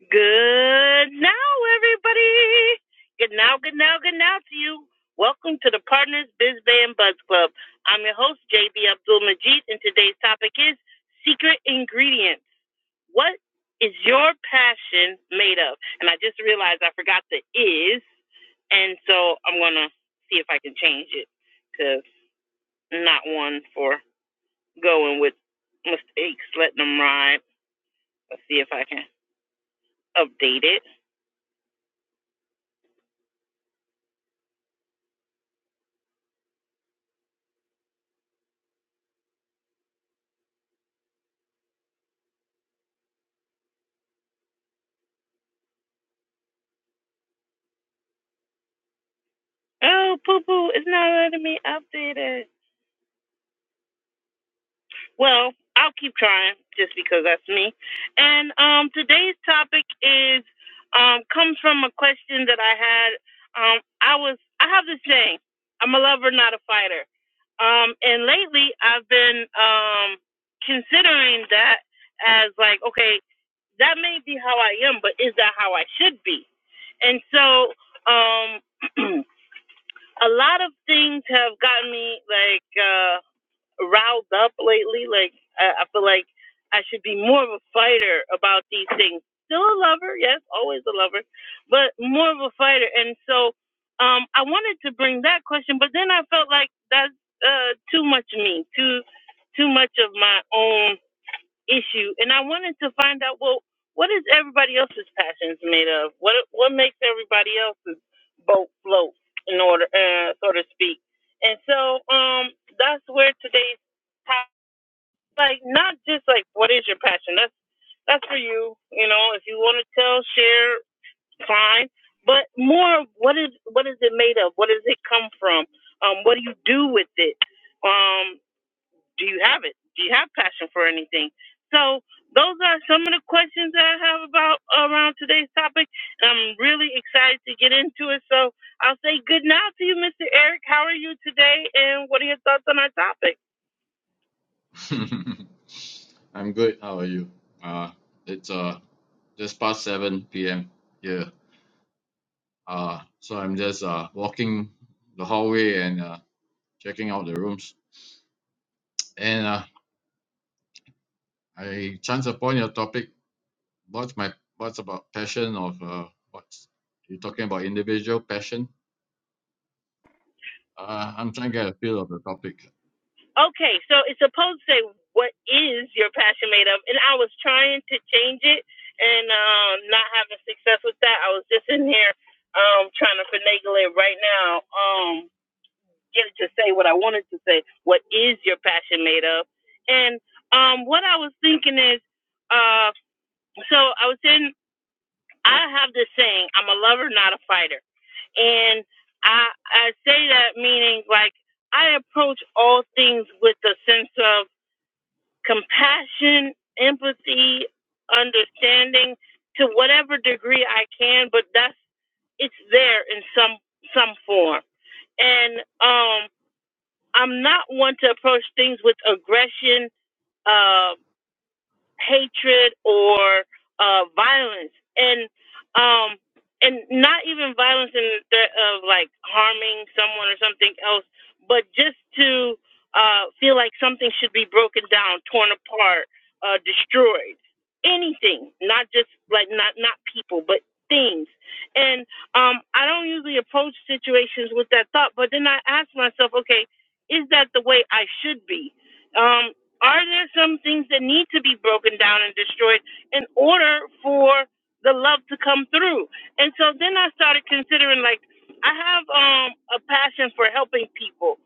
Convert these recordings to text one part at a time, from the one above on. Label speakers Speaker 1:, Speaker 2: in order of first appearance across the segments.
Speaker 1: Good now, everybody. Good now, good now, good now to you. Welcome to the Partners Biz Bay and Buzz Club. I'm your host, JB Abdul Majid, and today's topic is secret ingredients. What is your passion made of? And I just realized I forgot the is, and so I'm going to see if I can change it to not one for going with mistakes, letting them ride. Let's see if I can update it. Oh, Boo Boo, it's not letting me update it. Well, I'll keep trying just because that's me. And um, today's topic is um, comes from a question that I had. Um, I was I have this saying: I'm a lover, not a fighter. Um, and lately, I've been um, considering that as like, okay, that may be how I am, but is that how I should be? And so, um, a lot of things have gotten me like uh riled up lately. Like I, I feel like I should be more of a fighter about these things. Still a lover, yes, always a lover, but more of a fighter. And so um I wanted to bring that question, but then I felt like that's uh too much of me, too too much of my own issue, and I wanted to find out well, what is everybody else's passions made of? What what makes everybody else's boat float, in order, uh, so to speak? And so, um, that's where today's top- like not just like what is your passion? That's that's for you, you know. If you want to tell, share, fine. But more, of what is what is it made of? What does it come from? Um, what do you do with it? Um, do you have it? Do you have passion for anything? So those are some of the questions that I have about around today's topic, and I'm really excited to get into it. So I'll say good night to you, Mr. Eric. How are you today, and what are your thoughts on our topic?
Speaker 2: I'm good. How are you? Uh, it's uh just past 7 p.m. here. Uh, so I'm just uh walking the hallway and uh checking out the rooms. And uh, I chance upon your topic. What's my what's about passion of uh what's you are talking about individual passion? Uh, I'm trying to get a feel of the topic.
Speaker 1: Okay, so it's supposed to say what is your passion made of, and I was trying to change it and um, not having success with that. I was just in here um, trying to finagle it right now. Um, get to say what I wanted to say. What is your passion made of? And um, what I was thinking is, uh, so I was in. I have this saying: I'm a lover, not a fighter. And I I say that meaning like I approach all things with a sense of compassion, empathy, understanding to whatever degree I can, but that's it's there in some some form. And um I'm not one to approach things with aggression. Um, hatred or uh, violence, and um, and not even violence in the threat of like harming someone or something else, but just to uh, feel like something should be broken down, torn apart, uh, destroyed. Anything, not just like not not people, but things. And um, I don't usually approach situations with that thought, but then I ask myself, okay, is that the way I should be? Um, are there some things that need to be broken down and destroyed in order for the love to come through? And so then I started considering like I have um a passion for helping people,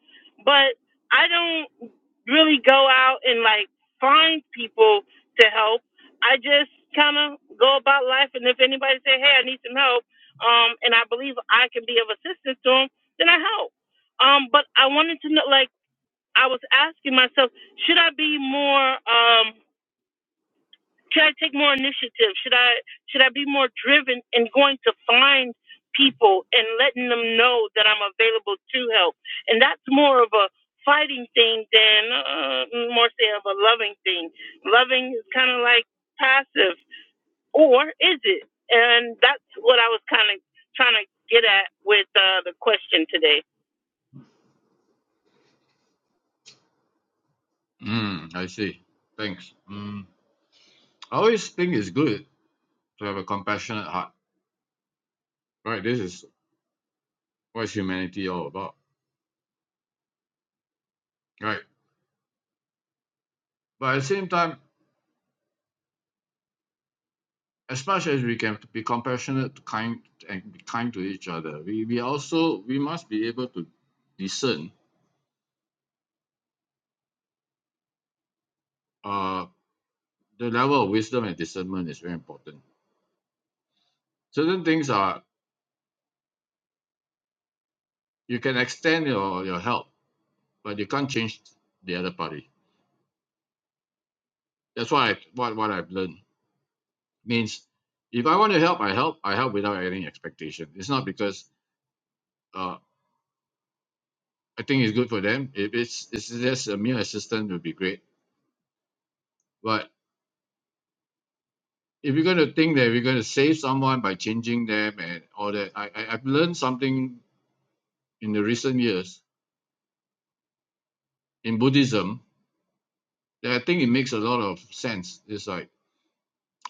Speaker 1: but I don't really go out and like find people to help. I just kind of go about life, and if anybody say, "Hey, I need some help," um, and I believe I can be of assistance to them, then I help. Um, but I wanted to know, like I was asking myself, should I be more um should I take more initiative? Should I should I be more driven in going to find people and letting them know that I'm available to help? And that's more of a fighting thing than uh, more say of a loving thing. Loving is kind of like passive or is it? And that's what I was kind of trying to get at with uh, the question today.
Speaker 2: Mm, I see. Thanks. Mm, I always think it's good to have a compassionate heart. Right. This is what humanity all about. Right but at the same time as much as we can be compassionate kind and be kind to each other we we also we must be able to discern uh the level of wisdom and discernment is very important certain things are you can extend your your help but you can't change the other party that's why I, what what i've learned means if i want to help i help i help without any expectation it's not because uh i think it's good for them if it's it's just a mere assistant would be great but. if you're going to think that we're going to save someone by changing them and all that, I, I I've learned something in the recent years in Buddhism that I think it makes a lot of sense. It's like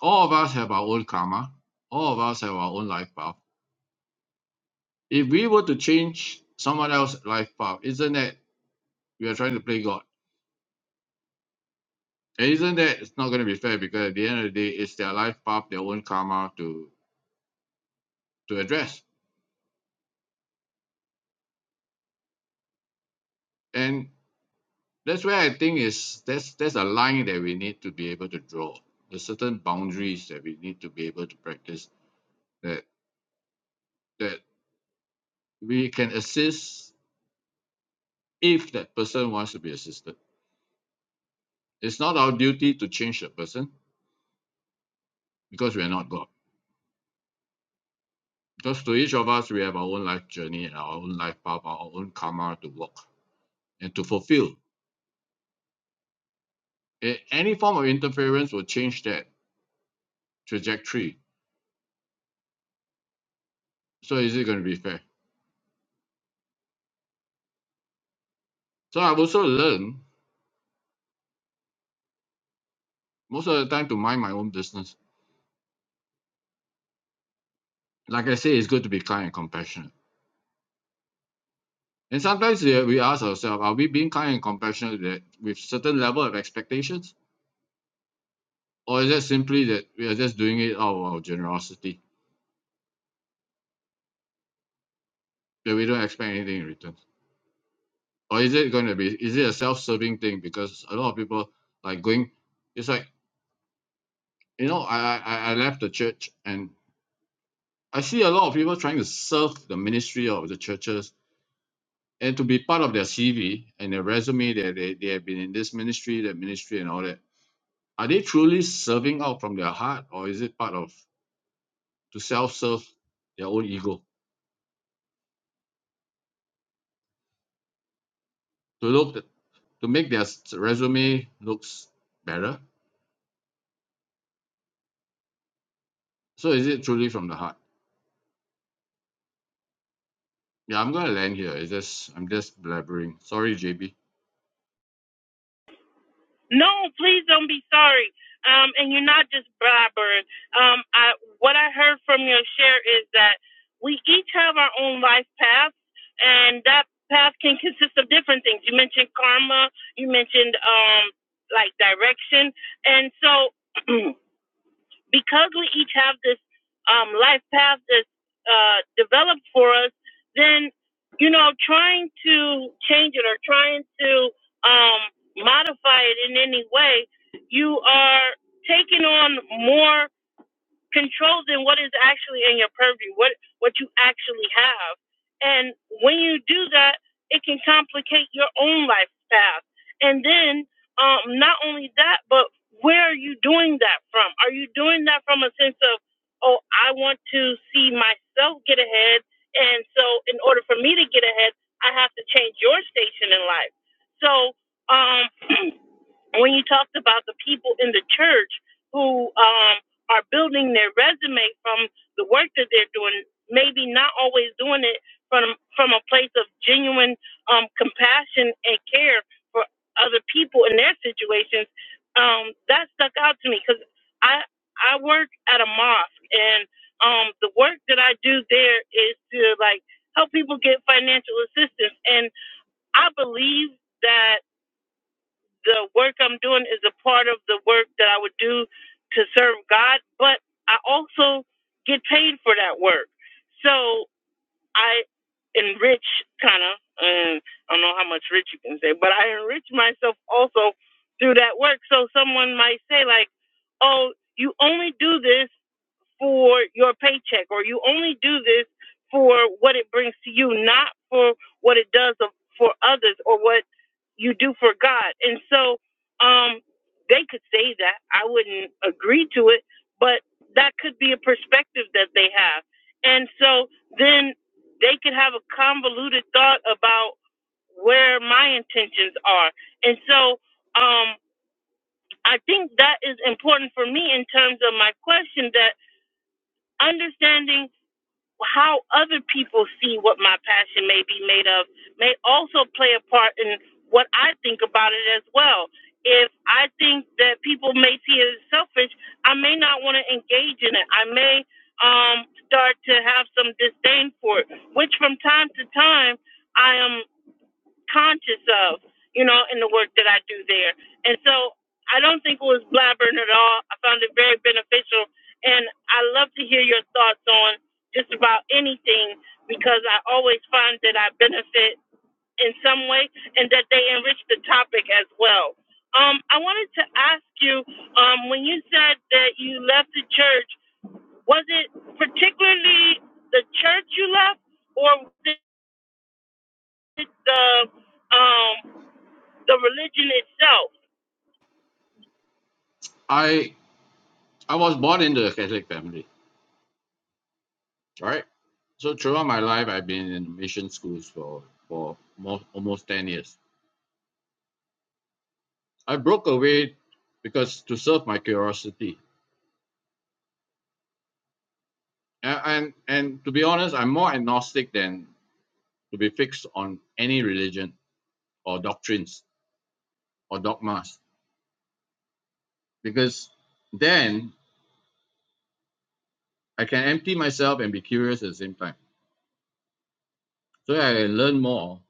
Speaker 2: all of us have our own karma, all of us have our own life path. If we were to change someone else's life path, isn't that we are trying to play God? And isn't that it's not going to be fair because at the end of the day, it's their life path, their own karma to to address. And that's where I think is there's there's a line that we need to be able to draw, the certain boundaries that we need to be able to practice that that we can assist if that person wants to be assisted. It's not our duty to change the person because we are not God. Because to each of us, we have our own life journey and our own life path, our own karma to walk and to fulfill. Any form of interference will change that trajectory. So is it going to be fair? So I've also learned most of the time to mind my own business like I say, it's good to be kind and compassionate. And sometimes we, we ask ourselves, are we being kind and compassionate with, with certain level of expectations? Or is that simply that we are just doing it out of our generosity, that we don't expect anything in return? Or is it going to be, is it a self-serving thing? Because a lot of people like going, it's like, you know, I, I, I I left the church and I see a lot of people trying to serve the ministry of the churches and to be part of their CV and their resume that they, they have been in this ministry, that ministry and all that Are they truly serving out from their heart, or is it part of to self-serve their own ego to look at, to make their resume looks better? So is it truly from the heart? Yeah, I'm gonna land here. It's just I'm just blabbering. Sorry, JB.
Speaker 1: No, please don't be sorry. Um, and you're not just blabbering. Um, I, what I heard from your share is that we each have our own life paths, and that path can consist of different things. You mentioned karma. You mentioned um, like direction, and so. because we each have this um, life path that's uh, developed for us, then you know, trying to change it or trying to um, modify it in any way, you are taking on more control then what is actually in your purview, what what you actually have. And when you do that, it can complicate your own life path. And then um, not only that, but where are you doing that from? Are you doing that from a sense of, oh, I want to see myself get ahead, and so in order for me to get ahead, I have to change your station in life. So um, when you talked about the people in the church who um, are building their resume from the work that they're doing, maybe not always doing it from from a place of genuine um, compassion and care for other people in their situations, um, that stuck out to me because I I work at a mosque and um, the work that I do there is to like help people get financial assistance, and I believe that the work I'm doing is a part of the work that I would do to serve God, but I also get paid for that work. So I enrich kind of, um, I don't know how much rich you can say, but I enrich myself also through that work. So someone might say, like, oh, you only do this for your paycheck or you only do this for what it brings to you, not for what it does for others or what you do for God. And so um, they could say that. I wouldn't agree to it, but that could be a perspective that they have. And so then they could have a convoluted thought about where my intentions are. And so um, I think that is important for me in terms of my question that understanding how other people see what my passion may be made of may also play a part in what I think about it as well. If I think that people may see it as selfish, I may not want to engage in it. I may um, start to have some disdain for it, which from time to time I am conscious of, you know, in the work that I do there. And so I don't think it was blabbering at all. I found it very beneficial. And I love to hear your thoughts on just about anything because I always find that I benefit in some way and that they enrich the topic as well. Um, I wanted to ask you um, when you said that you left the church, was it particularly the church you left or was it the um, the religion itself.
Speaker 2: I I was born into a Catholic family. All right. So throughout my life, I've been in mission schools for for more almost ten years. I broke away because to serve my curiosity, and, and and to be honest, I'm more agnostic than to be fixed on any religion or doctrines or dogmas because then I can empty myself and be curious at the same time. So I can learn more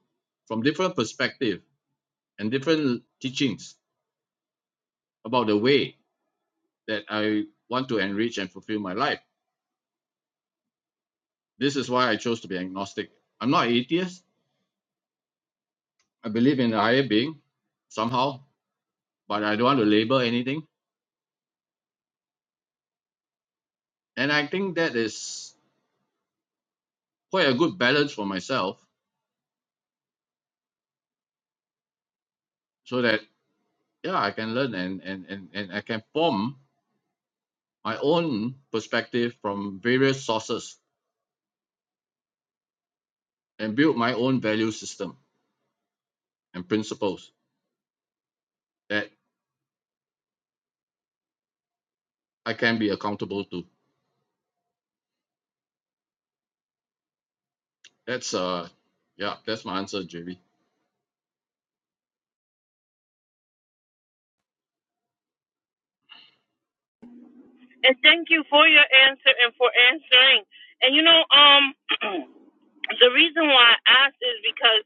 Speaker 2: from different perspectives and different teachings about the way that I want to enrich and fulfill my life. This is why I chose to be agnostic. I'm not an atheist. I believe in a higher being somehow, but I don't want to label anything. And I think that is quite a good balance for myself so that yeah i can learn and and and, and i can form my own perspective from various sources and build my own value system and principles that i can be accountable to that's uh yeah that's my answer jv
Speaker 1: And thank you for your answer and for answering. And you know, um, the reason why I asked is because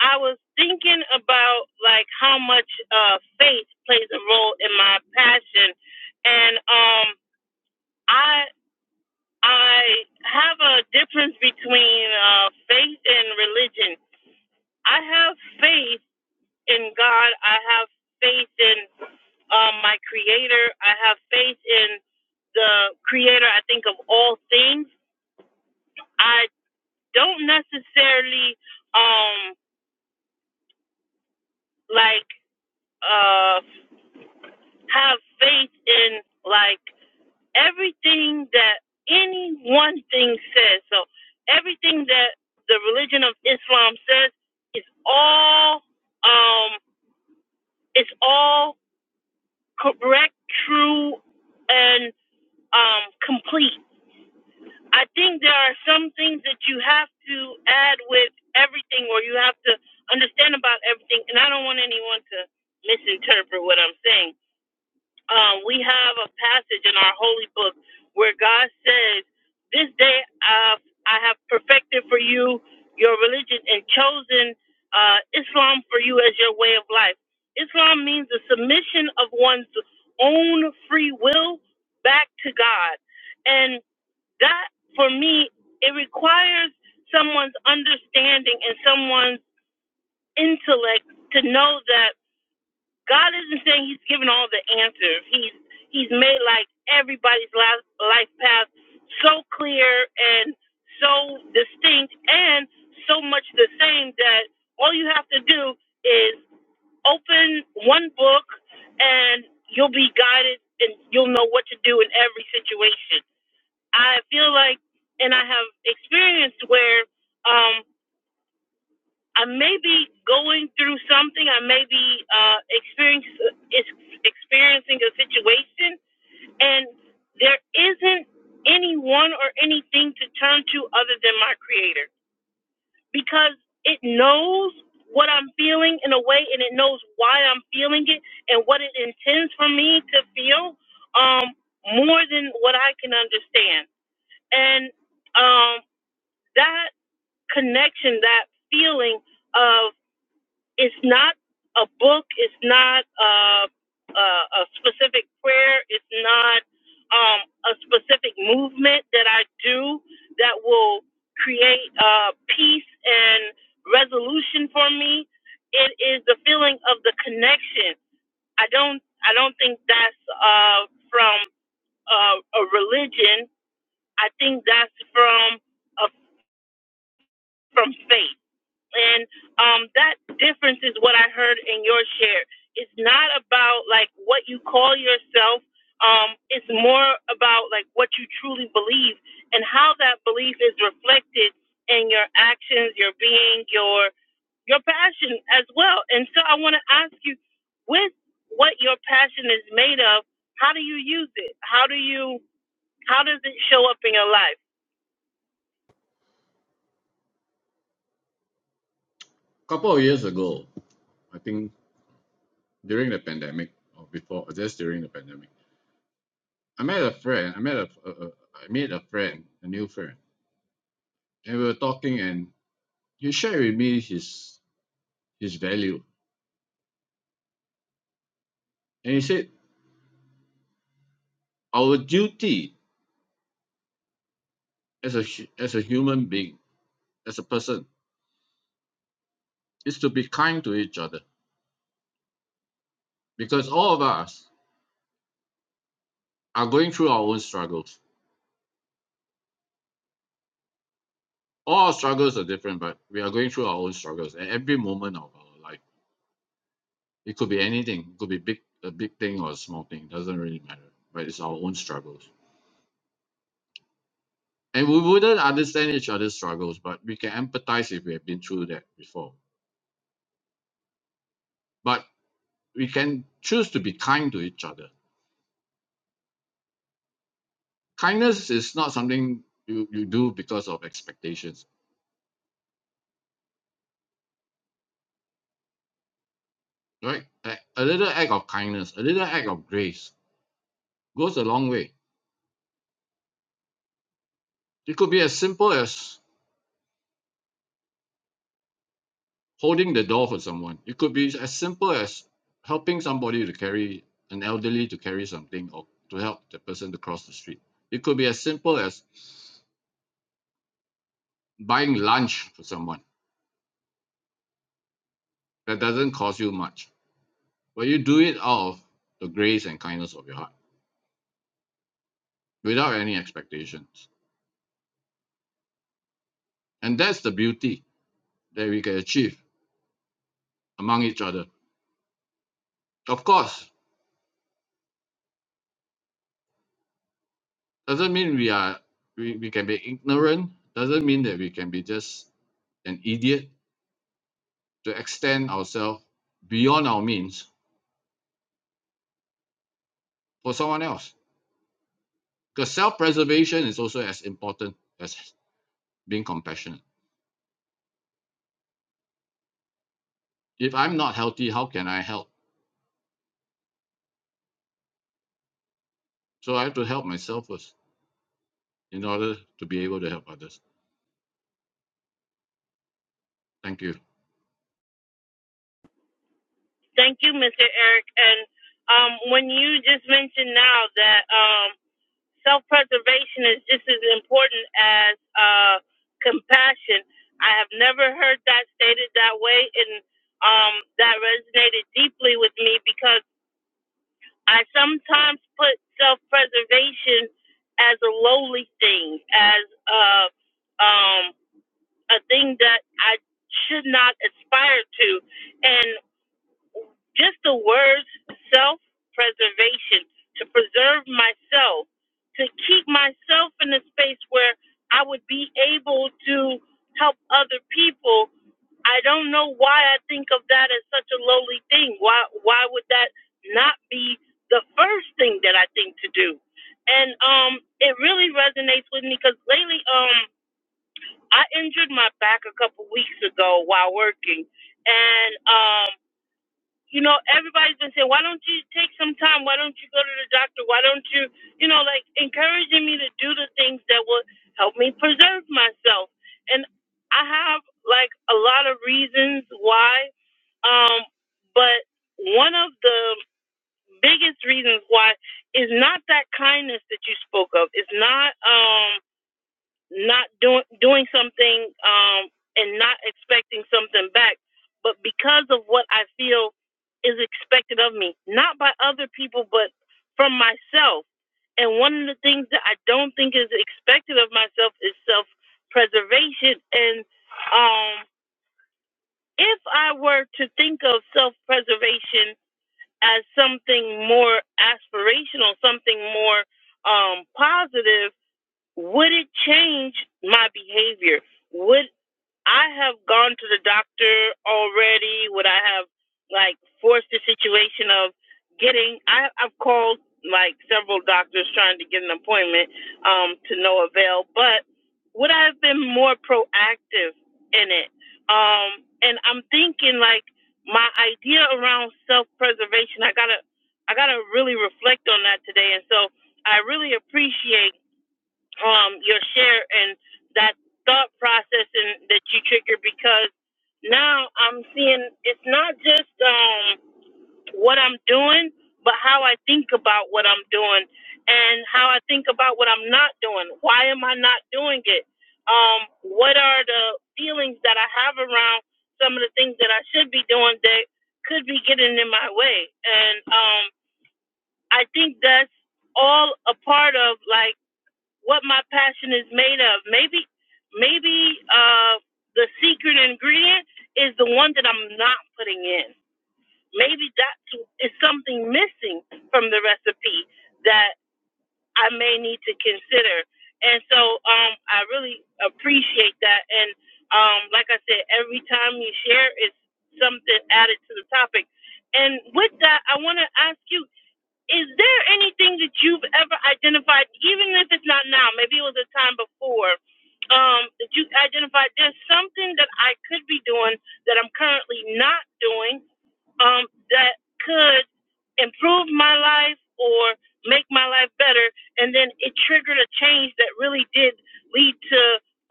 Speaker 1: I was thinking about like how much uh, faith plays a role in my passion, and um, I I have a difference between uh, faith and religion. I have faith in God. I have faith in um, my creator. I have faith in the creator, I think, of all things. I don't necessarily um, like uh, have faith in like everything that any one thing says. So everything that the religion of Islam says is all um, is all correct, true, and um, complete I think there are some things that you have to add with everything or you have to understand about everything. And I don't want anyone to misinterpret what I'm saying. Um, we have a passage in our holy book where God says, This day uh, I have perfected for you your religion and chosen uh, Islam for you as your way of life. Islam means the submission of one's own free will back to God. And that for me it requires someone's understanding and someone's intellect to know that God isn't saying He's given all the answers. He's He's made like everybody's life, life path so clear and so distinct and so much the same that all you have to do is open one book and you'll be guided and you'll know what to do in every situation I feel like, and I have experienced where um, I may be going through something, I may be uh, experience, experiencing a situation, and there isn't anyone or anything to turn to other than my Creator because it knows what I'm feeling in a way, and it knows why I'm feeling it and what it intends for me to feel um, more than what I can understand. And um, that connection, that feeling of it's not a book, it's not uh, a, a specific prayer, it's not um, a specific movement that I do that will create uh, peace and resolution for me. It is the feeling of the connection. I don't. I don't think that's uh, from uh, a religion. I think that's from a, from faith. and um, that difference is what I heard in your share. It's not about like what you call yourself. Um, it's more about like what you truly believe and how that belief is reflected in your actions, your being, your your passion as well. And so I want to ask you, with what your passion is made of, how do you use it? How do you how does it show up in your life?
Speaker 2: couple of years ago i think during the pandemic or before or just during the pandemic i met a friend i met a, a, a i made a friend a new friend and we were talking and he shared with me his his value and he said our duty as a hu- as a human being as a person is to be kind to each other because all of us are going through our own struggles. All our struggles are different, but we are going through our own struggles at every moment of our life. It could be anything, it could be big a big thing or a small thing, it doesn't really matter. But it's our own struggles. And we wouldn't understand each other's struggles, but we can empathize if we have been through that before. But we can choose to be kind to each other. Kindness is not something you, you do because of expectations right? A, a little act of kindness, a little act of grace goes a long way. It could be as simple as holding the door for someone. It could be as simple as helping somebody to carry an elderly to carry something or to help the person to cross the street. It could be as simple as buying lunch for someone that doesn't cost you much, but you do it out of the grace and kindness of your heart without any expectations. And that's the beauty that we can achieve among each other. Of course, doesn't mean we are we, we can be ignorant doesn't mean that we can be just an idiot to extend ourselves beyond our means for someone else because self-preservation is also as important as being compassionate if i'm not healthy how can i help so i have to help myself first in order to be able to help others thank you
Speaker 1: Thank you, Mr. Eric. And um, when you just mentioned now that um, self preservation is just as important as uh, compassion, I have never heard that stated that way. And um, that resonated deeply with me because I sometimes put self preservation as a lowly thing, as a, um, a thing that I should not aspire to. and just the words self preservation, to preserve myself, to keep myself in a space where I would be able to help other people. I don't know why I think of that as such a lowly thing. Why why would that not be the first thing that I think to do? And um it really resonates with me because lately um I injured my back a couple weeks ago while working and um you know, everybody's been saying, why don't you take some time? Why don't you go to the doctor? Why don't you, you know, like encouraging me to do the things that will help me preserve myself. And I have like a lot of reasons why, um, but one of the biggest reasons why is not that kindness that you spoke of. It's not. Um, not doing doing something um, and not expecting something back, but because of what I feel is expected of me, not by other people, but from myself. And one of the things that I don't think is expected of myself is self preservation. And um, if I were to think of self preservation as something more aspirational, something more um, positive, would it change my behavior? Would I have gone to the doctor already? Would I have like forced the situation of getting? I, I've called like several doctors trying to get an appointment um, to no avail, but would I have been more proactive in it? Um, and I'm thinking like my idea around self preservation. I gotta, I gotta really reflect on that today. And so I really appreciate um, your share and that thought process and that you trigger because now I'm seeing it's not just um, what I'm doing, but how I think about what I'm doing and how I think about what I'm not doing. Why am I not doing it? Um, what are the feelings that I have around some of the things that I should be doing that could be getting in my way? And um, I think that's all a part of like what my passion is made of. Maybe, maybe uh, the secret ingredient is the one that I'm not putting in. Maybe that's something missing from the recipe that I may need to consider. And so, um, I really appreciate that. And um, like I said, every time you share, it's something added to the topic. And with that, I want to ask you is there anything that you've ever identified, even if it's not now, maybe it was a time before, um, that you identified there's something that I could be doing that I'm currently not doing um, that could improve my life or make my life better. And then it triggered a change that really did lead to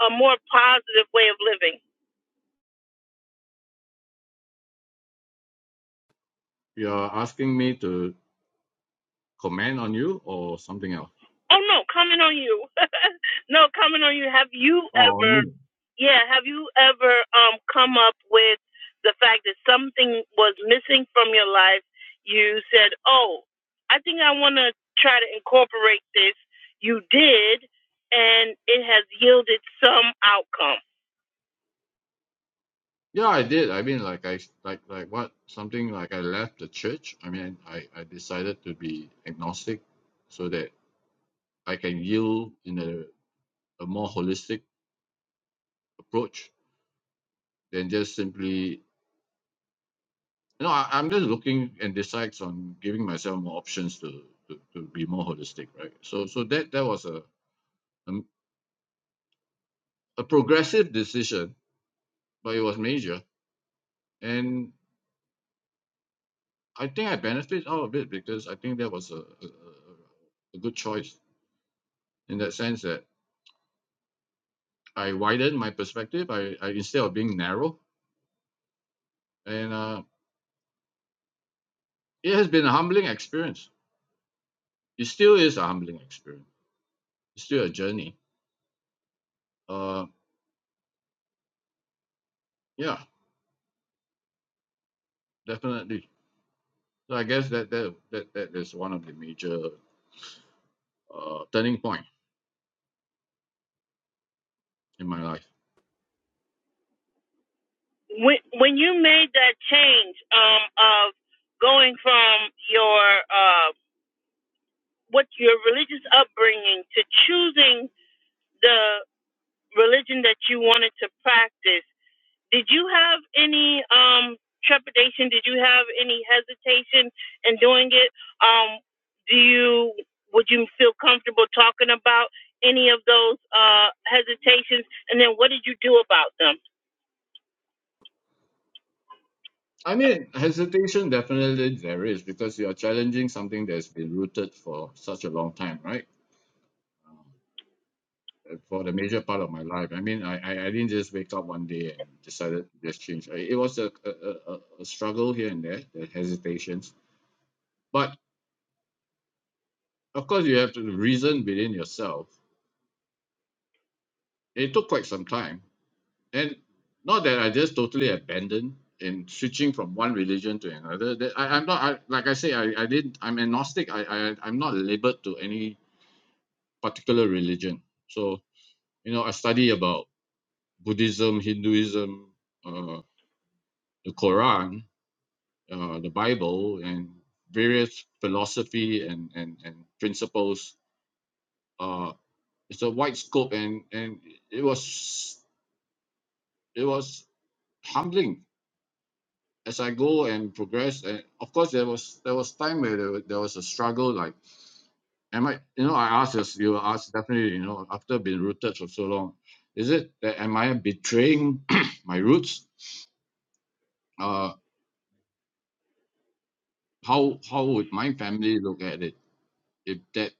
Speaker 1: a more positive way of living.
Speaker 2: you're asking me to comment on you or something else
Speaker 1: Oh no, comment on you. no, comment on you. Have you
Speaker 2: or on
Speaker 1: ever
Speaker 2: me
Speaker 1: yeah, have you ever um come up with the fact that something was missing from your life? You said, "Oh, I think I want to try to incorporate this." You did, and it has yielded some outcome.
Speaker 2: Yeah, I did. I mean, like I like like what something like I left the church. I mean, I I decided to be agnostic so that I can yield in a, a more holistic approach than just simply. You know, I, I'm just looking and decides on giving myself more options to, to to be more holistic, right? So so that that was a a, a progressive decision, but it was major, and I think I benefit out of it because I think that was a, a, a a good choice in that sense that I widened my perspective. I, I instead of being narrow, and uh, it has been a humbling experience. It still is a humbling experience. It's still a journey. Uh, yeah, definitely. So I guess that that that, that is one of the major uh, turning point in my life.
Speaker 1: When when you made that change um of going from your uh what your religious upbringing to choosing the religion that you wanted to practice, did you have any um, trepidation? Did you have any hesitation in doing it? Um, do you would you feel comfortable talking about any of those uh, hesitations? And then what did you do about them?
Speaker 2: I mean, hesitation definitely there is because you are challenging something that's been rooted for such a long time, right? Um, uh, for the major part of my life. I mean, I, I, I didn't just wake up one day and decided to just change. I, it was a, a, a, a a struggle here and there, the hesitations. But of course, you have to reason within yourself. It took quite some time. And not that I just totally abandoned in switching from one religion to another. That I, I'm not, I, like I say, I, I didn't, I'm agnostic. I, I, I'm not labeled to any particular religion. So, you know, I study about Buddhism, Hinduism, uh, the Quran, uh, the Bible and various philosophy and and and principles. Uh, it's a wide scope, and and it was it was humbling as I go and progress. And of course, there was there was time where there, wa- there was a struggle. Like, am I? You know, I asked this. You were asked definitely. You know, after being rooted for so long, is it that am I betraying my roots? Uh, how how would my family look at it? If that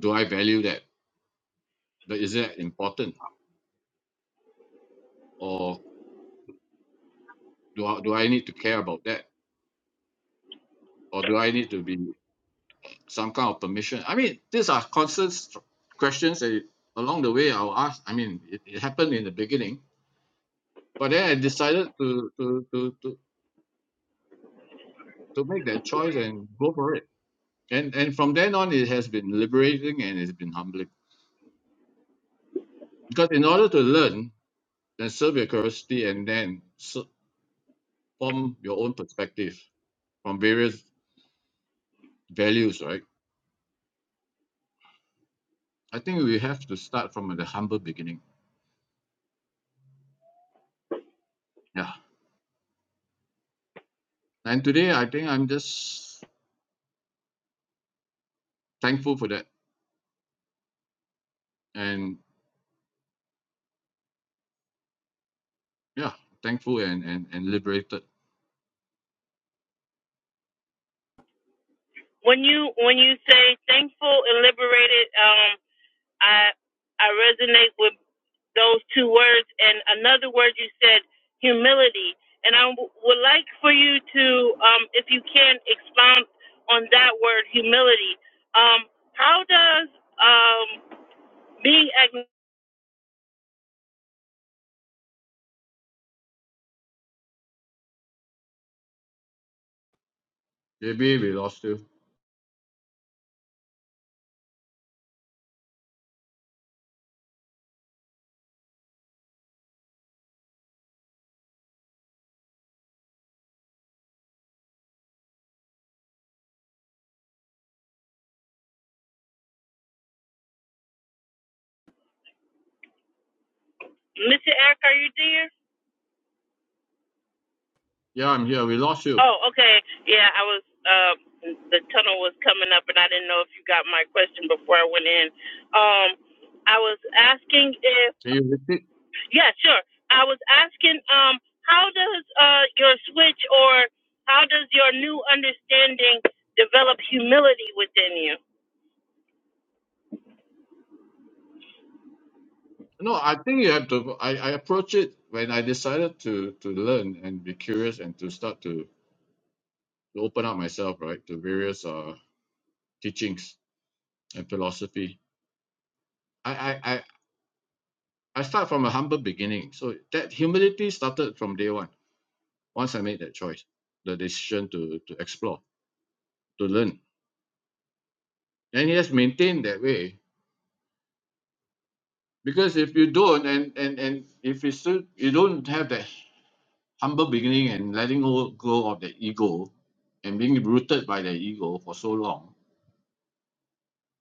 Speaker 2: do I value that? But is that important? or do I, do I need to care about that or do I need to be some kind of permission I mean these are constant str- questions that along the way I'll ask I mean it, it happened in the beginning but then I decided to to, to to to make that choice and go for it and and from then on it has been liberating and it's been humbling because in order to learn then serve your curiosity and then s- form your own perspective from various values right I think we have to start from the humble beginning yeah and today I think I'm just thankful for that and yeah thankful and and, and liberated
Speaker 1: When you when you say thankful and liberated, um, I I resonate with. those two words and another word you said humility and i w- would like for you to um, if you can expound on that word humility um, how does um, being agn-
Speaker 2: maybe we lost you
Speaker 1: mr eric are you there
Speaker 2: yeah I'm here we lost you
Speaker 1: oh okay yeah i was uh, the tunnel was coming up and i didn't know if you got my question before i went in um, i was asking if.
Speaker 2: can you repeat
Speaker 1: Yeah, sure. I was asking, um, how does uh, your switch or how does your new understanding develop humility within you?
Speaker 2: no I think you have to I, I approach it when I decided to to learn and be curious and to start to, to open up myself right to various uh teachings and philosophy I I, I I start from a humble beginning. So that humility started from day one, once I made that choice, the decision to, to explore, to learn and you just maintain that way because if you don't and and and if you still you don't have that humble beginning and letting go, go of the ego and being rooted by the ego for so long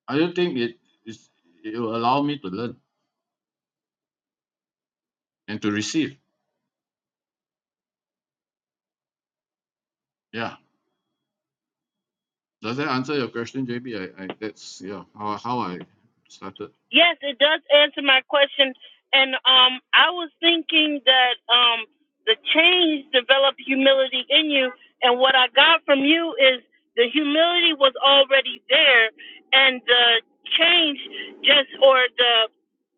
Speaker 2: i don't think it is it will allow me to learn and to receive yeah does that answer your question jb i, I that's yeah how, how i started
Speaker 1: Yes, it does answer my question. And um, I was thinking that um, the change developed humility in you. And what I got from you is the humility was already there, and the change just or the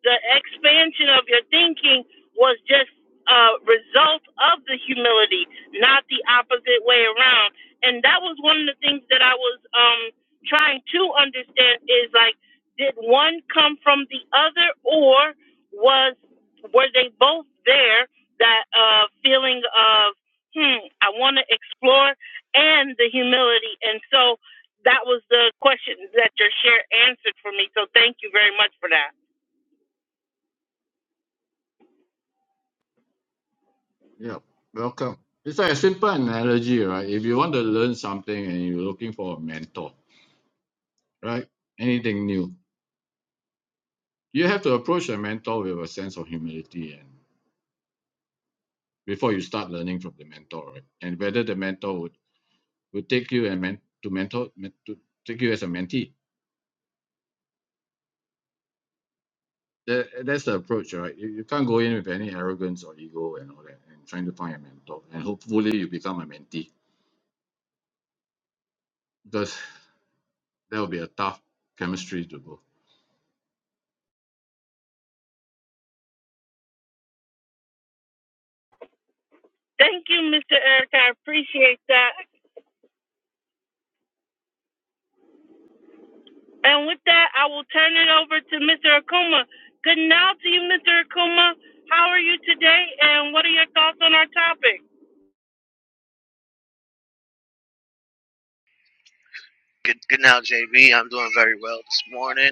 Speaker 1: the expansion of your thinking was just a result of the humility, not the opposite way around. And that was one of the things that I was um, trying to understand is like did one come from the other, or was were they both there? That uh, feeling of hmm, I want to explore, and the humility, and so that was the question that your share answered for me. So thank you very much for that.
Speaker 2: yeah welcome it's like a simple analogy right if you want to learn something and you're looking for a mentor right anything new you have to approach a mentor with a sense of humility and before you start learning from the mentor right and whether the mentor would, would take you and men, to mentor men- to take you as a mentee that, that's the approach right you, you can't go in with any arrogance or ego and all that and trying to find a mentor and hopefully you become a mentee because that will be a tough chemistry to go
Speaker 1: Thank you, Mr. Eric. I appreciate that. And with that, I will turn it over to Mr. Akuma. Good now to you, Mr. Akuma. How are you today, and what are your thoughts on our topic?
Speaker 3: Good, good now, JB. I'm doing very well this morning.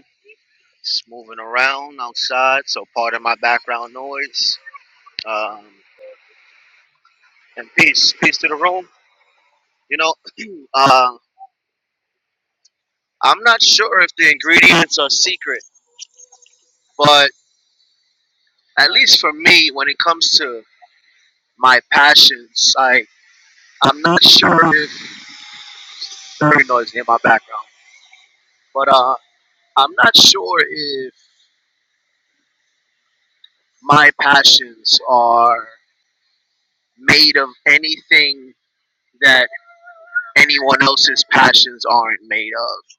Speaker 3: Just moving around outside, so part of my background noise. Um, and peace, peace to the room. You know, uh, I'm not sure if the ingredients are secret, but at least for me, when it comes to my passions, I I'm not sure if very noisy in my background, but uh, I'm not sure if my passions are made of anything that. anyone else's passions aren't made of.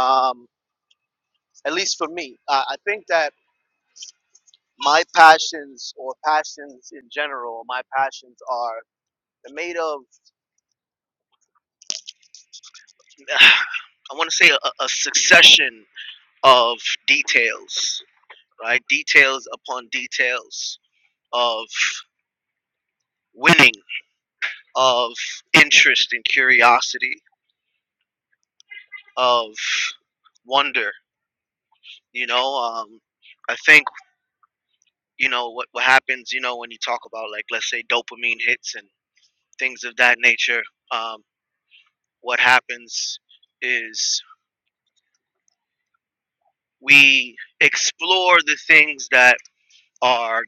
Speaker 3: Um, at least for me, uh, I think that my passions or passions in general, my passions are made of. I want to say a, a succession of details, right? Details upon details of winning, of interest and curiosity, of wonder. You know, um, I think you know what what happens you know when you talk about like let's say dopamine hits and things of that nature um, what happens is we explore the things that are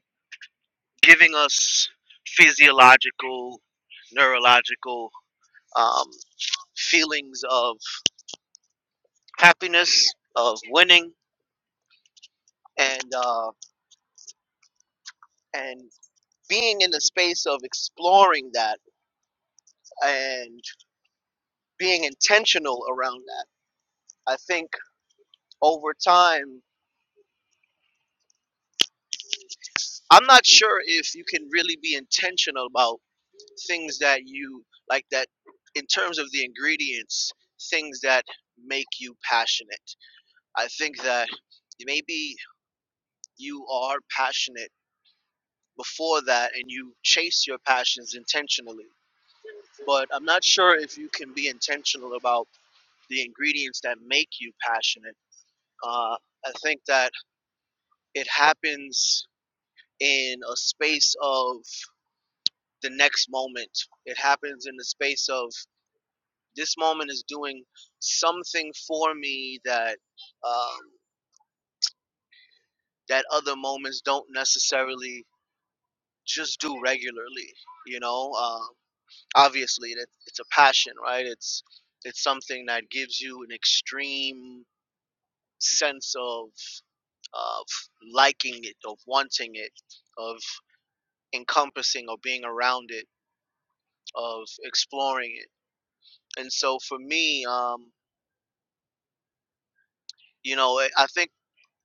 Speaker 3: giving us physiological neurological um, feelings of happiness of winning and uh, and being in the space of exploring that and being intentional around that i think over time I'm not sure if you can really be intentional about things that you like that in terms of the ingredients, things that make you passionate. I think that maybe you are passionate before that and you chase your passions intentionally. But I'm not sure if you can be intentional about the ingredients that make you passionate. Uh, I think that it happens in a space of the next moment. It happens in the space of this moment is doing something for me that um, that other moments don't necessarily just do regularly. You know, um, obviously that it's a passion, right? It's it's something that gives you an extreme sense of of liking it, of wanting it, of encompassing or being around it, of exploring it. And so for me, um, you know i I think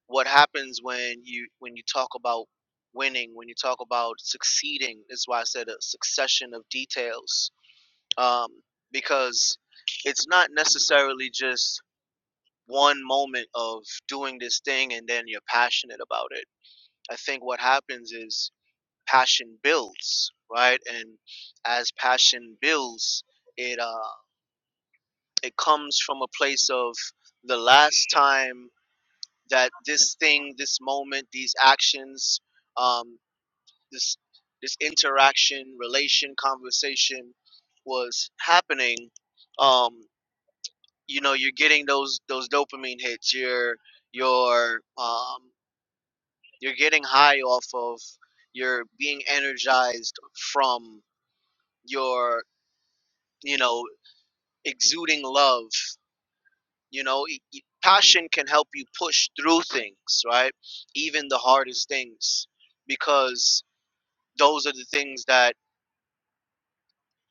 Speaker 3: what happens when you when you talk about winning when you talk about succeeding is why i said a succession of details um, because it's not necessarily just one moment of doing this thing and then you're passionate about it i think what happens is passion builds right and as passion builds it uh it comes from a place of the last time that this thing, this moment, these actions, um, this this interaction, relation, conversation was happening, um, you know, you're getting those those dopamine hits. You're you're um, you're getting high off of. You're being energized from your you know exuding love. You know, e- e- passion can help you push through things, right? Even the hardest things because those are the things that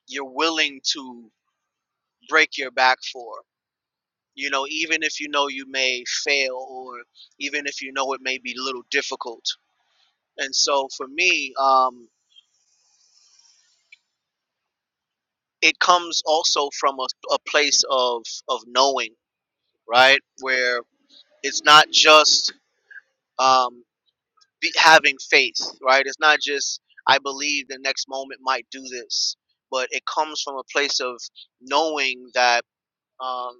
Speaker 3: you're willing to break your back for. You know, even if you know you may fail, or even if you know it may be a little difficult. And so for me, um, it comes also from a, a place of, of knowing, right? Where it's not just um, be, having faith, right? It's not just, I believe the next moment might do this, but it comes from a place of knowing that. Um,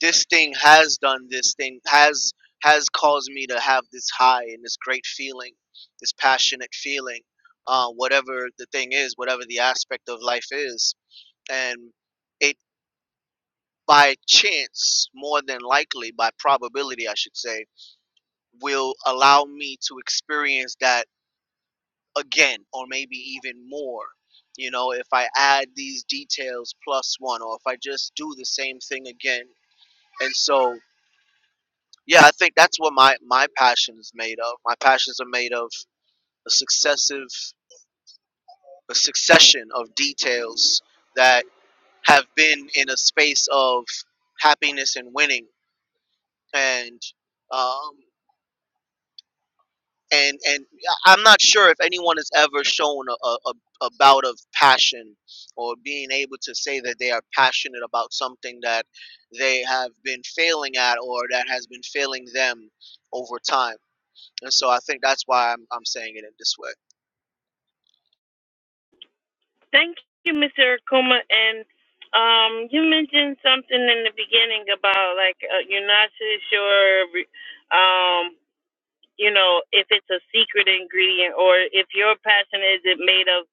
Speaker 3: this thing has done this thing has has caused me to have this high and this great feeling this passionate feeling uh, whatever the thing is whatever the aspect of life is and it by chance more than likely by probability i should say will allow me to experience that again or maybe even more you know if i add these details plus one or if i just do the same thing again and so yeah, I think that's what my my passion is made of. My passions are made of a successive a succession of details that have been in a space of happiness and winning and um and and I- am not sure if anyone has ever shown a, a, a a bout of passion or being able to say that they are passionate about something that they have been failing at or that has been failing them over time And so I think that's why I'm, I'm saying it in this way.
Speaker 1: Thank you, Mr. Akuma. And um, you mentioned something in the beginning about like uh, you're not too sure, um, you know, if it's a secret ingredient or if your passion is it made of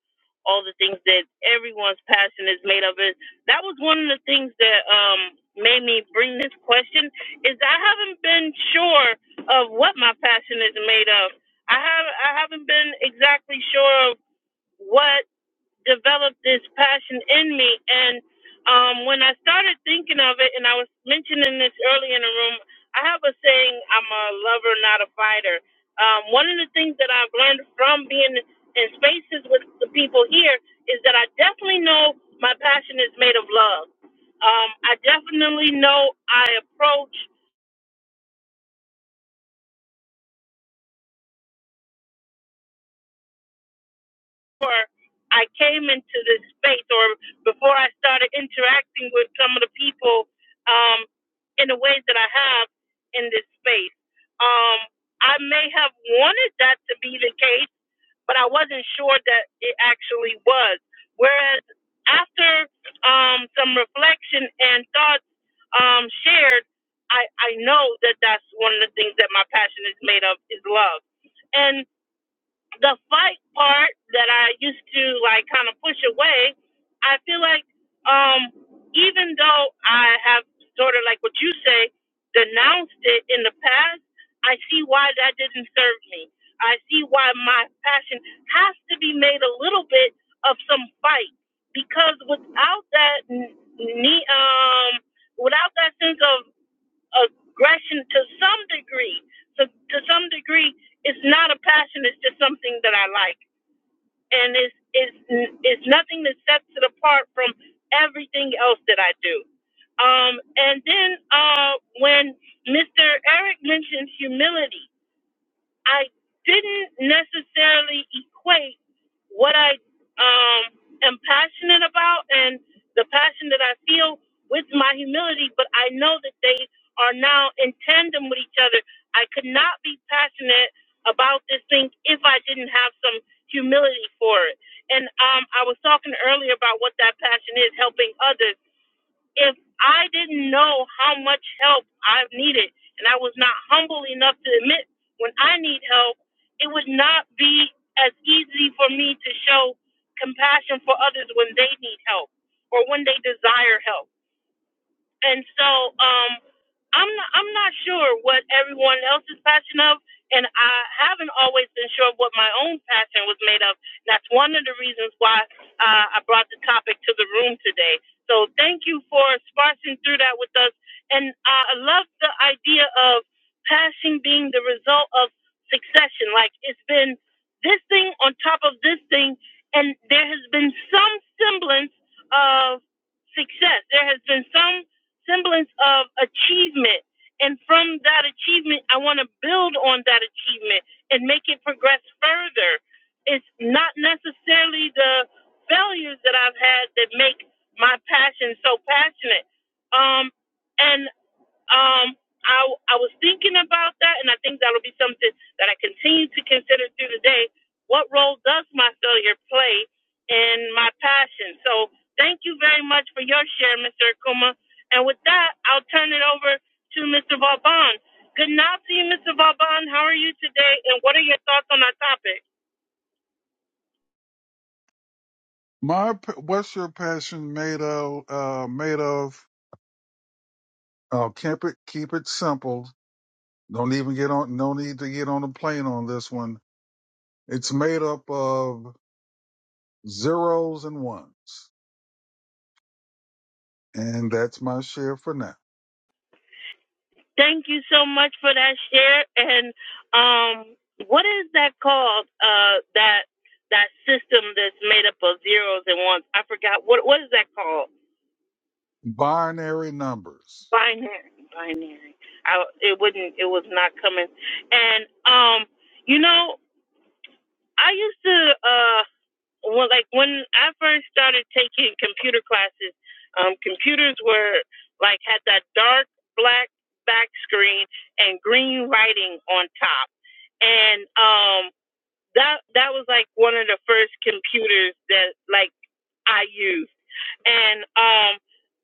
Speaker 1: all the things that everyone's passion is made of. It that was one of the things that um made me bring this question is I haven't been sure of what my passion is made of. I have I haven't been exactly sure of what developed this passion in me. And um, when I started thinking of it, and I was mentioning this early in the room, I have a saying: "I'm a lover, not a fighter." Um, one of the things that I've learned from being in spaces with the people here is that I definitely know my passion is made of love. Um, I definitely know I approach before I came into this space or before I started interacting with some of the people um, in the ways that I have in this space. Um, I may have wanted that to be the case, but I wasn't sure that it actually was. Whereas after um, some reflection and thoughts um, shared, I, I know that that's one of the things that my passion is made of is love. And the fight part that I used to like kind of push away, I feel like um even though I have sort of like what you say denounced it in the past, I see why that didn't serve me. I see why my passion has to be made a little bit of some fight because without that n- ne- um without that sense of aggression to some degree. So to some degree, it's not a passion. It's just something that I like, and it's it's it's nothing that sets it apart from everything else that I do. Um, and then uh, when Mr. Eric mentioned humility, I didn't necessarily equate what I um, am passionate about and the passion that I feel with my humility, but I know that they are now in tandem with each other. I could not be passionate about this thing if I didn't have some humility for it. And um, I was talking earlier about what that passion is helping others if I didn't know how much help I needed and I was not humble enough to admit when I need help, it would not be as easy for me to show compassion for others when they need help or when they desire help and so um, I'm not, I'm not sure what everyone else is passionate of, and I haven't always been sure of what my own passion was made of. That's one of the reasons why uh, I brought the topic to the room today. So thank you for sparsing through that with us, and uh, I love the idea of passion being the result of succession. Like it's been this thing on top of this thing, and there has been some semblance of success. There has been some semblance of achievement. And from that achievement, I want to build on that achievement and make it progress further. It's not necessarily the failures that I've had that make my passion so passionate. Um, and um, I I was thinking about that, and I think that'll be something that I continue to consider through the day. What role does my failure play in my passion? So thank you very much for your share, Mr. Akuma. And with that, I'll turn it over to Mr. Vauban. Good night to you, Mr. Vauban. How are you today, and what are your thoughts on our topic?
Speaker 4: My, p- what's your passion made of? Uh, made of? Uh, keep it, keep it simple. Don't even get on. No need to get on a plane on this one. It's made up of zeros and ones, and that's my share for now.
Speaker 1: Thank you so much for that share. And um, what is that called? Uh, that that system that's made up of zeros and ones. I forgot what what is that called?
Speaker 4: Binary numbers.
Speaker 1: Binary. Binary. I it wouldn't. It was not coming. And um, you know, I used to. Uh, when like when I first started taking computer classes, um, computers were like had that dark black back screen and green writing on top, and um, that that was like one of the first computers that like I used and um,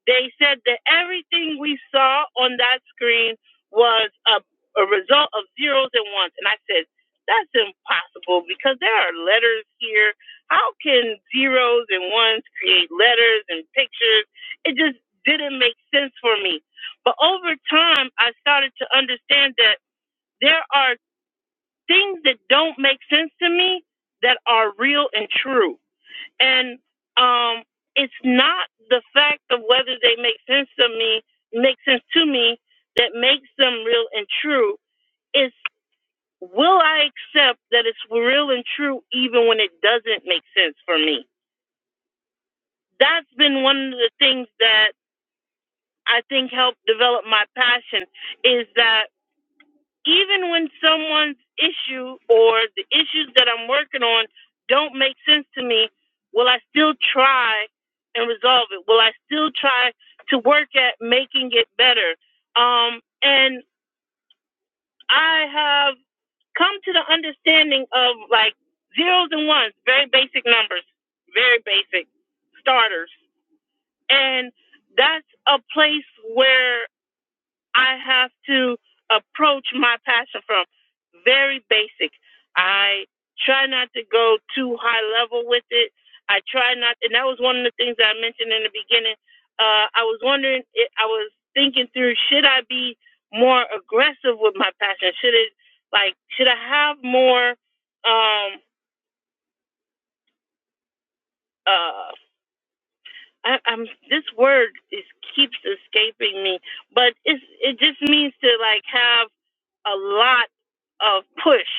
Speaker 1: they said that everything we saw on that screen was a, a result of zeros and ones. And I said, that's impossible because there are letters here. How can zeros and ones create letters and pictures? It just didn't make sense for me. But over time, I started to understand that there are things that don't make sense to me that are real and true and um, it's not the fact of whether they make sense to me, make sense to me, that makes them real and true. It's will I accept that it's real and true even when it doesn't make sense for me? That's been one of the things that I think helped develop my passion is that even when someone's issue or the issues that I'm working on don't make sense to me, will I still try and resolve it? Will I still try to work at making it better? Um, and I have come to the understanding of like zeros and ones, very basic numbers, very basic starters. And that's a place where I have to approach my passion from very basic. I try not to go too high level with it. I try not, and that was one of the things that I mentioned in the beginning. Uh, I was wondering, i was thinking through, should I be more aggressive with my passion? Should it, like, should I have more um, uh, I, I'm this word is keeps escaping me, but it's it just means to like have a lot of push.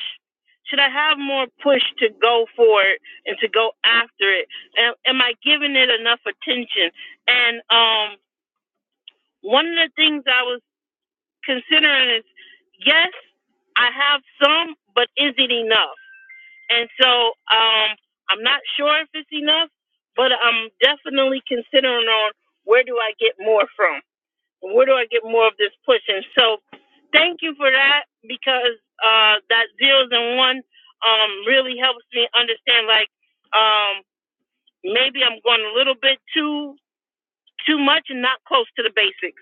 Speaker 1: Should I have more push to go for it and to go after it? Am, am I giving it enough attention? And um, one of the things I was considering is yes, I have some, but is it enough? And so um, I'm not sure if it's enough, but I'm definitely considering on where do I get more from? Where do I get more of this push? And so thank you for that because uh, that zeros and one um, really helps me understand like um, maybe I'm going a little bit too too much and not close to the basics.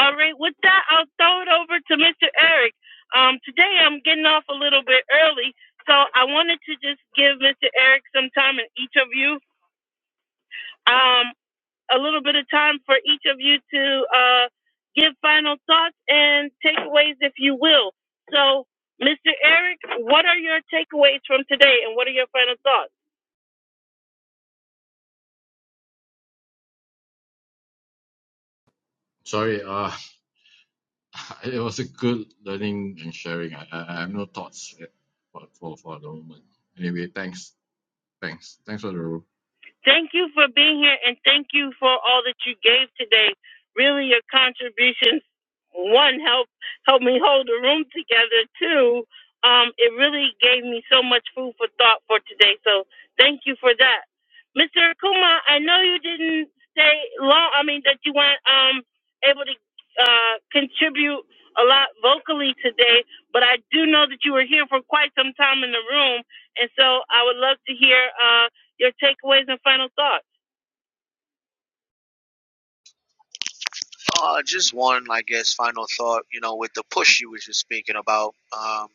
Speaker 1: All right, with that, I'll throw it over to Mr. Eric. Um, today I'm getting off a little bit early, so I wanted to just give Mr. Eric some time and each of you um, a little bit of time for each of you to uh, give final thoughts and takeaways, if you will. So, Mr. Eric, what are your takeaways from today, and what are your final thoughts?
Speaker 2: sorry uh it was a good learning and sharing i i, I have no thoughts eh, for, for for the moment anyway thanks thanks thanks for the room
Speaker 1: Thank you for being here and thank you for all that you gave today. Really, your contributions, one, help help me hold the room together. Two, um, it really gave me so much food for thought for today. So thank you for that. Mr. Akuma, I know you didn't stay long. I mean, that you weren't um, able to uh, contribute a lot vocally today, but I do know that you were here for quite some time in the room. And so I would love to hear. Uh, your takeaways and final thoughts.
Speaker 3: Uh, just one, I guess, final thought, you know, with the push you were just speaking about. Um,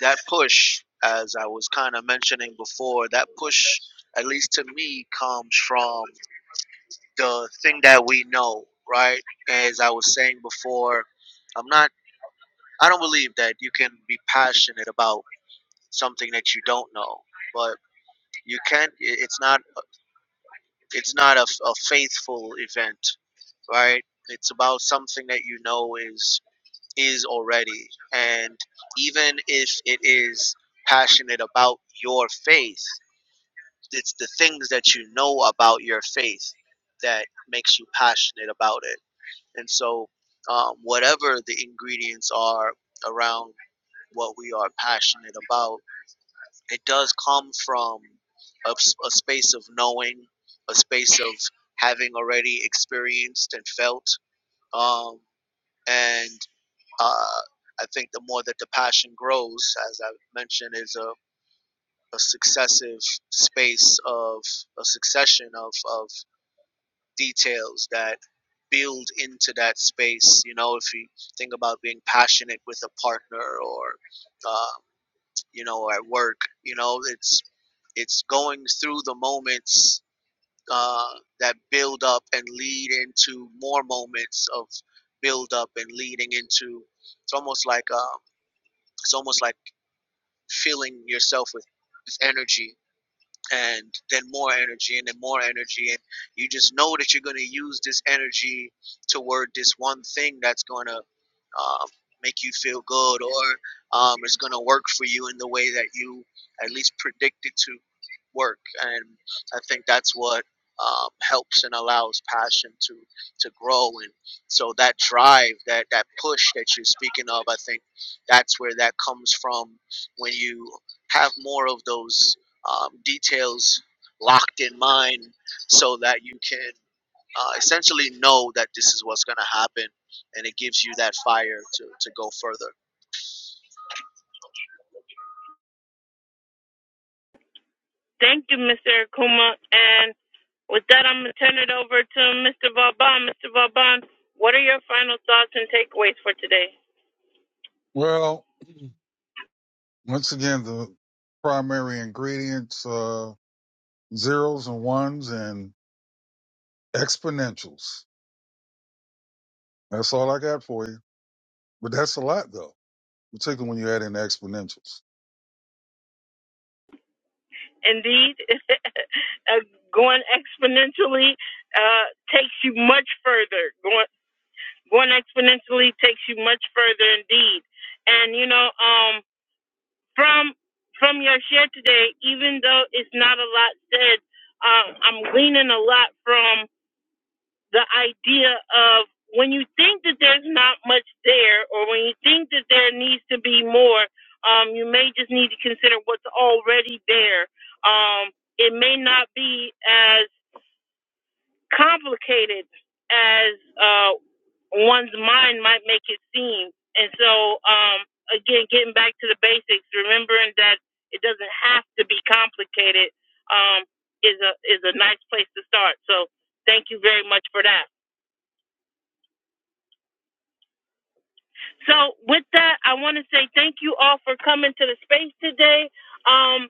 Speaker 3: that push, as I was kind of mentioning before, that push, at least to me, comes from the thing that we know, right? As I was saying before, I'm not, I don't believe that you can be passionate about something that you don't know, but you can't, it's not, it's not a, a faithful event right? It's about something that you know is is already, and even if it is passionate about your faith, it's the things that you know about your faith that makes you passionate about it. And so, um, whatever the ingredients are around what we are passionate about, it does come from a, s- a space of knowing, a space of having already experienced and felt. Um, and uh, I think the more that the passion grows, as I mentioned, is a, a successive space of a succession of, of details that build into that space. You know, if you think about being passionate with a partner or, uh, you know, at work, you know, it's it's going through the moments uh, that build up and lead into more moments of build up and leading into. It's almost like um, it's almost like filling yourself with, with energy and then more energy and then more energy and you just know that you're going to use this energy toward this one thing that's going to um, make you feel good or um, it's going to work for you in the way that you at least predict it to work and i think that's what um, helps and allows passion to to grow and so that drive that that push that you're speaking of i think that's where that comes from when you have more of those um, details locked in mind so that you can uh, essentially know that this is what's going to happen and it gives you that fire to, to go further
Speaker 1: Thank you, Mr. Akuma. And with that, I'm going to turn it over to Mr. Vauban. Mr. Vauban, what are your final thoughts and takeaways for today?
Speaker 4: Well, once again, the primary ingredients: uh, zeros and ones and exponentials. That's all I got for you. But that's a lot, though, particularly when you add in the exponentials.
Speaker 1: Indeed, going exponentially uh, takes you much further. Going, going exponentially takes you much further indeed. And, you know, um, from from your share today, even though it's not a lot said, um, I'm gleaning a lot from the idea of when you think that there's not much there, or when you think that there needs to be more, um, you may just need to consider what's already there. Um, it may not be as complicated as uh, one's mind might make it seem. And so, um, again, getting back to the basics, remembering that it doesn't have to be complicated um, is a is a nice place to start. So, thank you very much for that. So with that, I want to say thank you all for coming to the space today. Um,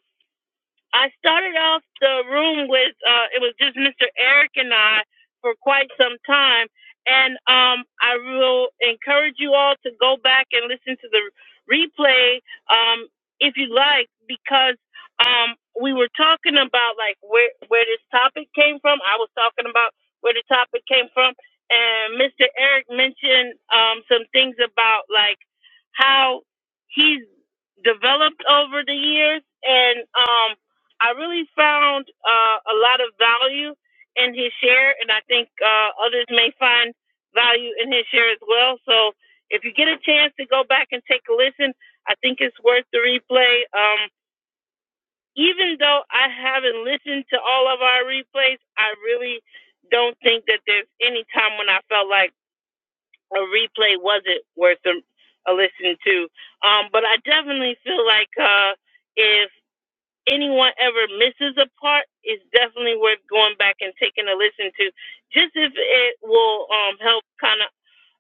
Speaker 1: I started off the room with uh, it was just Mr. Eric and I for quite some time, and um, I will encourage you all to go back and listen to the replay um, if you like, because um, we were talking about like where where this topic came from. I was talking about where the topic came from, and Mr. Eric mentioned um, some things about like how he's developed over the years and. Um, I really found uh, a lot of value in his share, and I think uh, others may find value in his share as well. So if you get a chance to go back and take a listen, I think it's worth the replay. Um, even though I haven't listened to all of our replays, I really don't think that there's any time when I felt like a replay wasn't worth a, a listen to. Um, but I definitely feel like uh, if anyone ever misses a part, it's definitely worth going back and taking a listen to, just if it will um, help kind of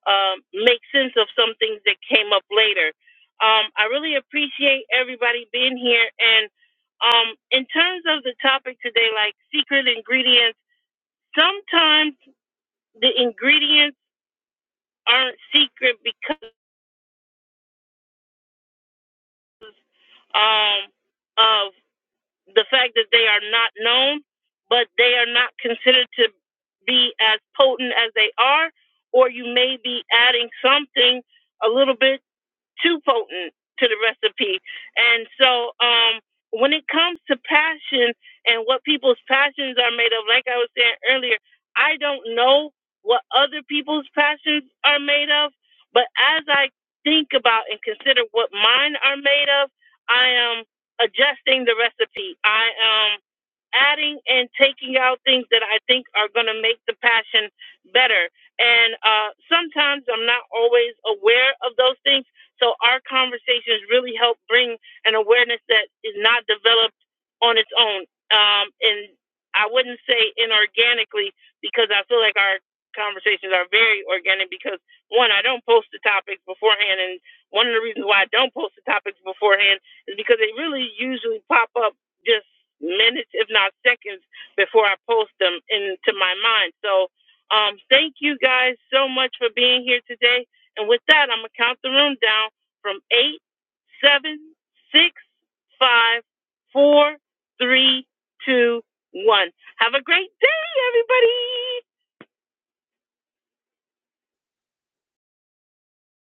Speaker 1: um, make sense of some things that came up later. Um, I really appreciate everybody being here. And um, in terms of the topic today, like secret ingredients, sometimes the ingredients aren't secret because um, of the fact that they are not known, but they are not considered to be as potent as they are, or you may be adding something a little bit too potent to the recipe. And so, um, when it comes to passion and what people's passions are made of, like I was saying earlier, I don't know what other people's passions are made of, but as I think about and consider what mine are made of, I am adjusting the recipe. I am adding and taking out things that I think are going to make the passion better. And uh, sometimes I'm not always aware of those things so our conversations really help bring an awareness that is not developed on its own. Um, and I wouldn't say inorganically because I feel like our conversations are very organic because one, I don't post the topics beforehand. And one of the reasons why I don't post the topics beforehand is because they really usually pop up just minutes, if not seconds before I post them into my mind. So, um, thank you guys so much for being here today. And with that, I'm going to count the room down from eight, seven, six, five, four, three, two, one. Have a great day, everybody.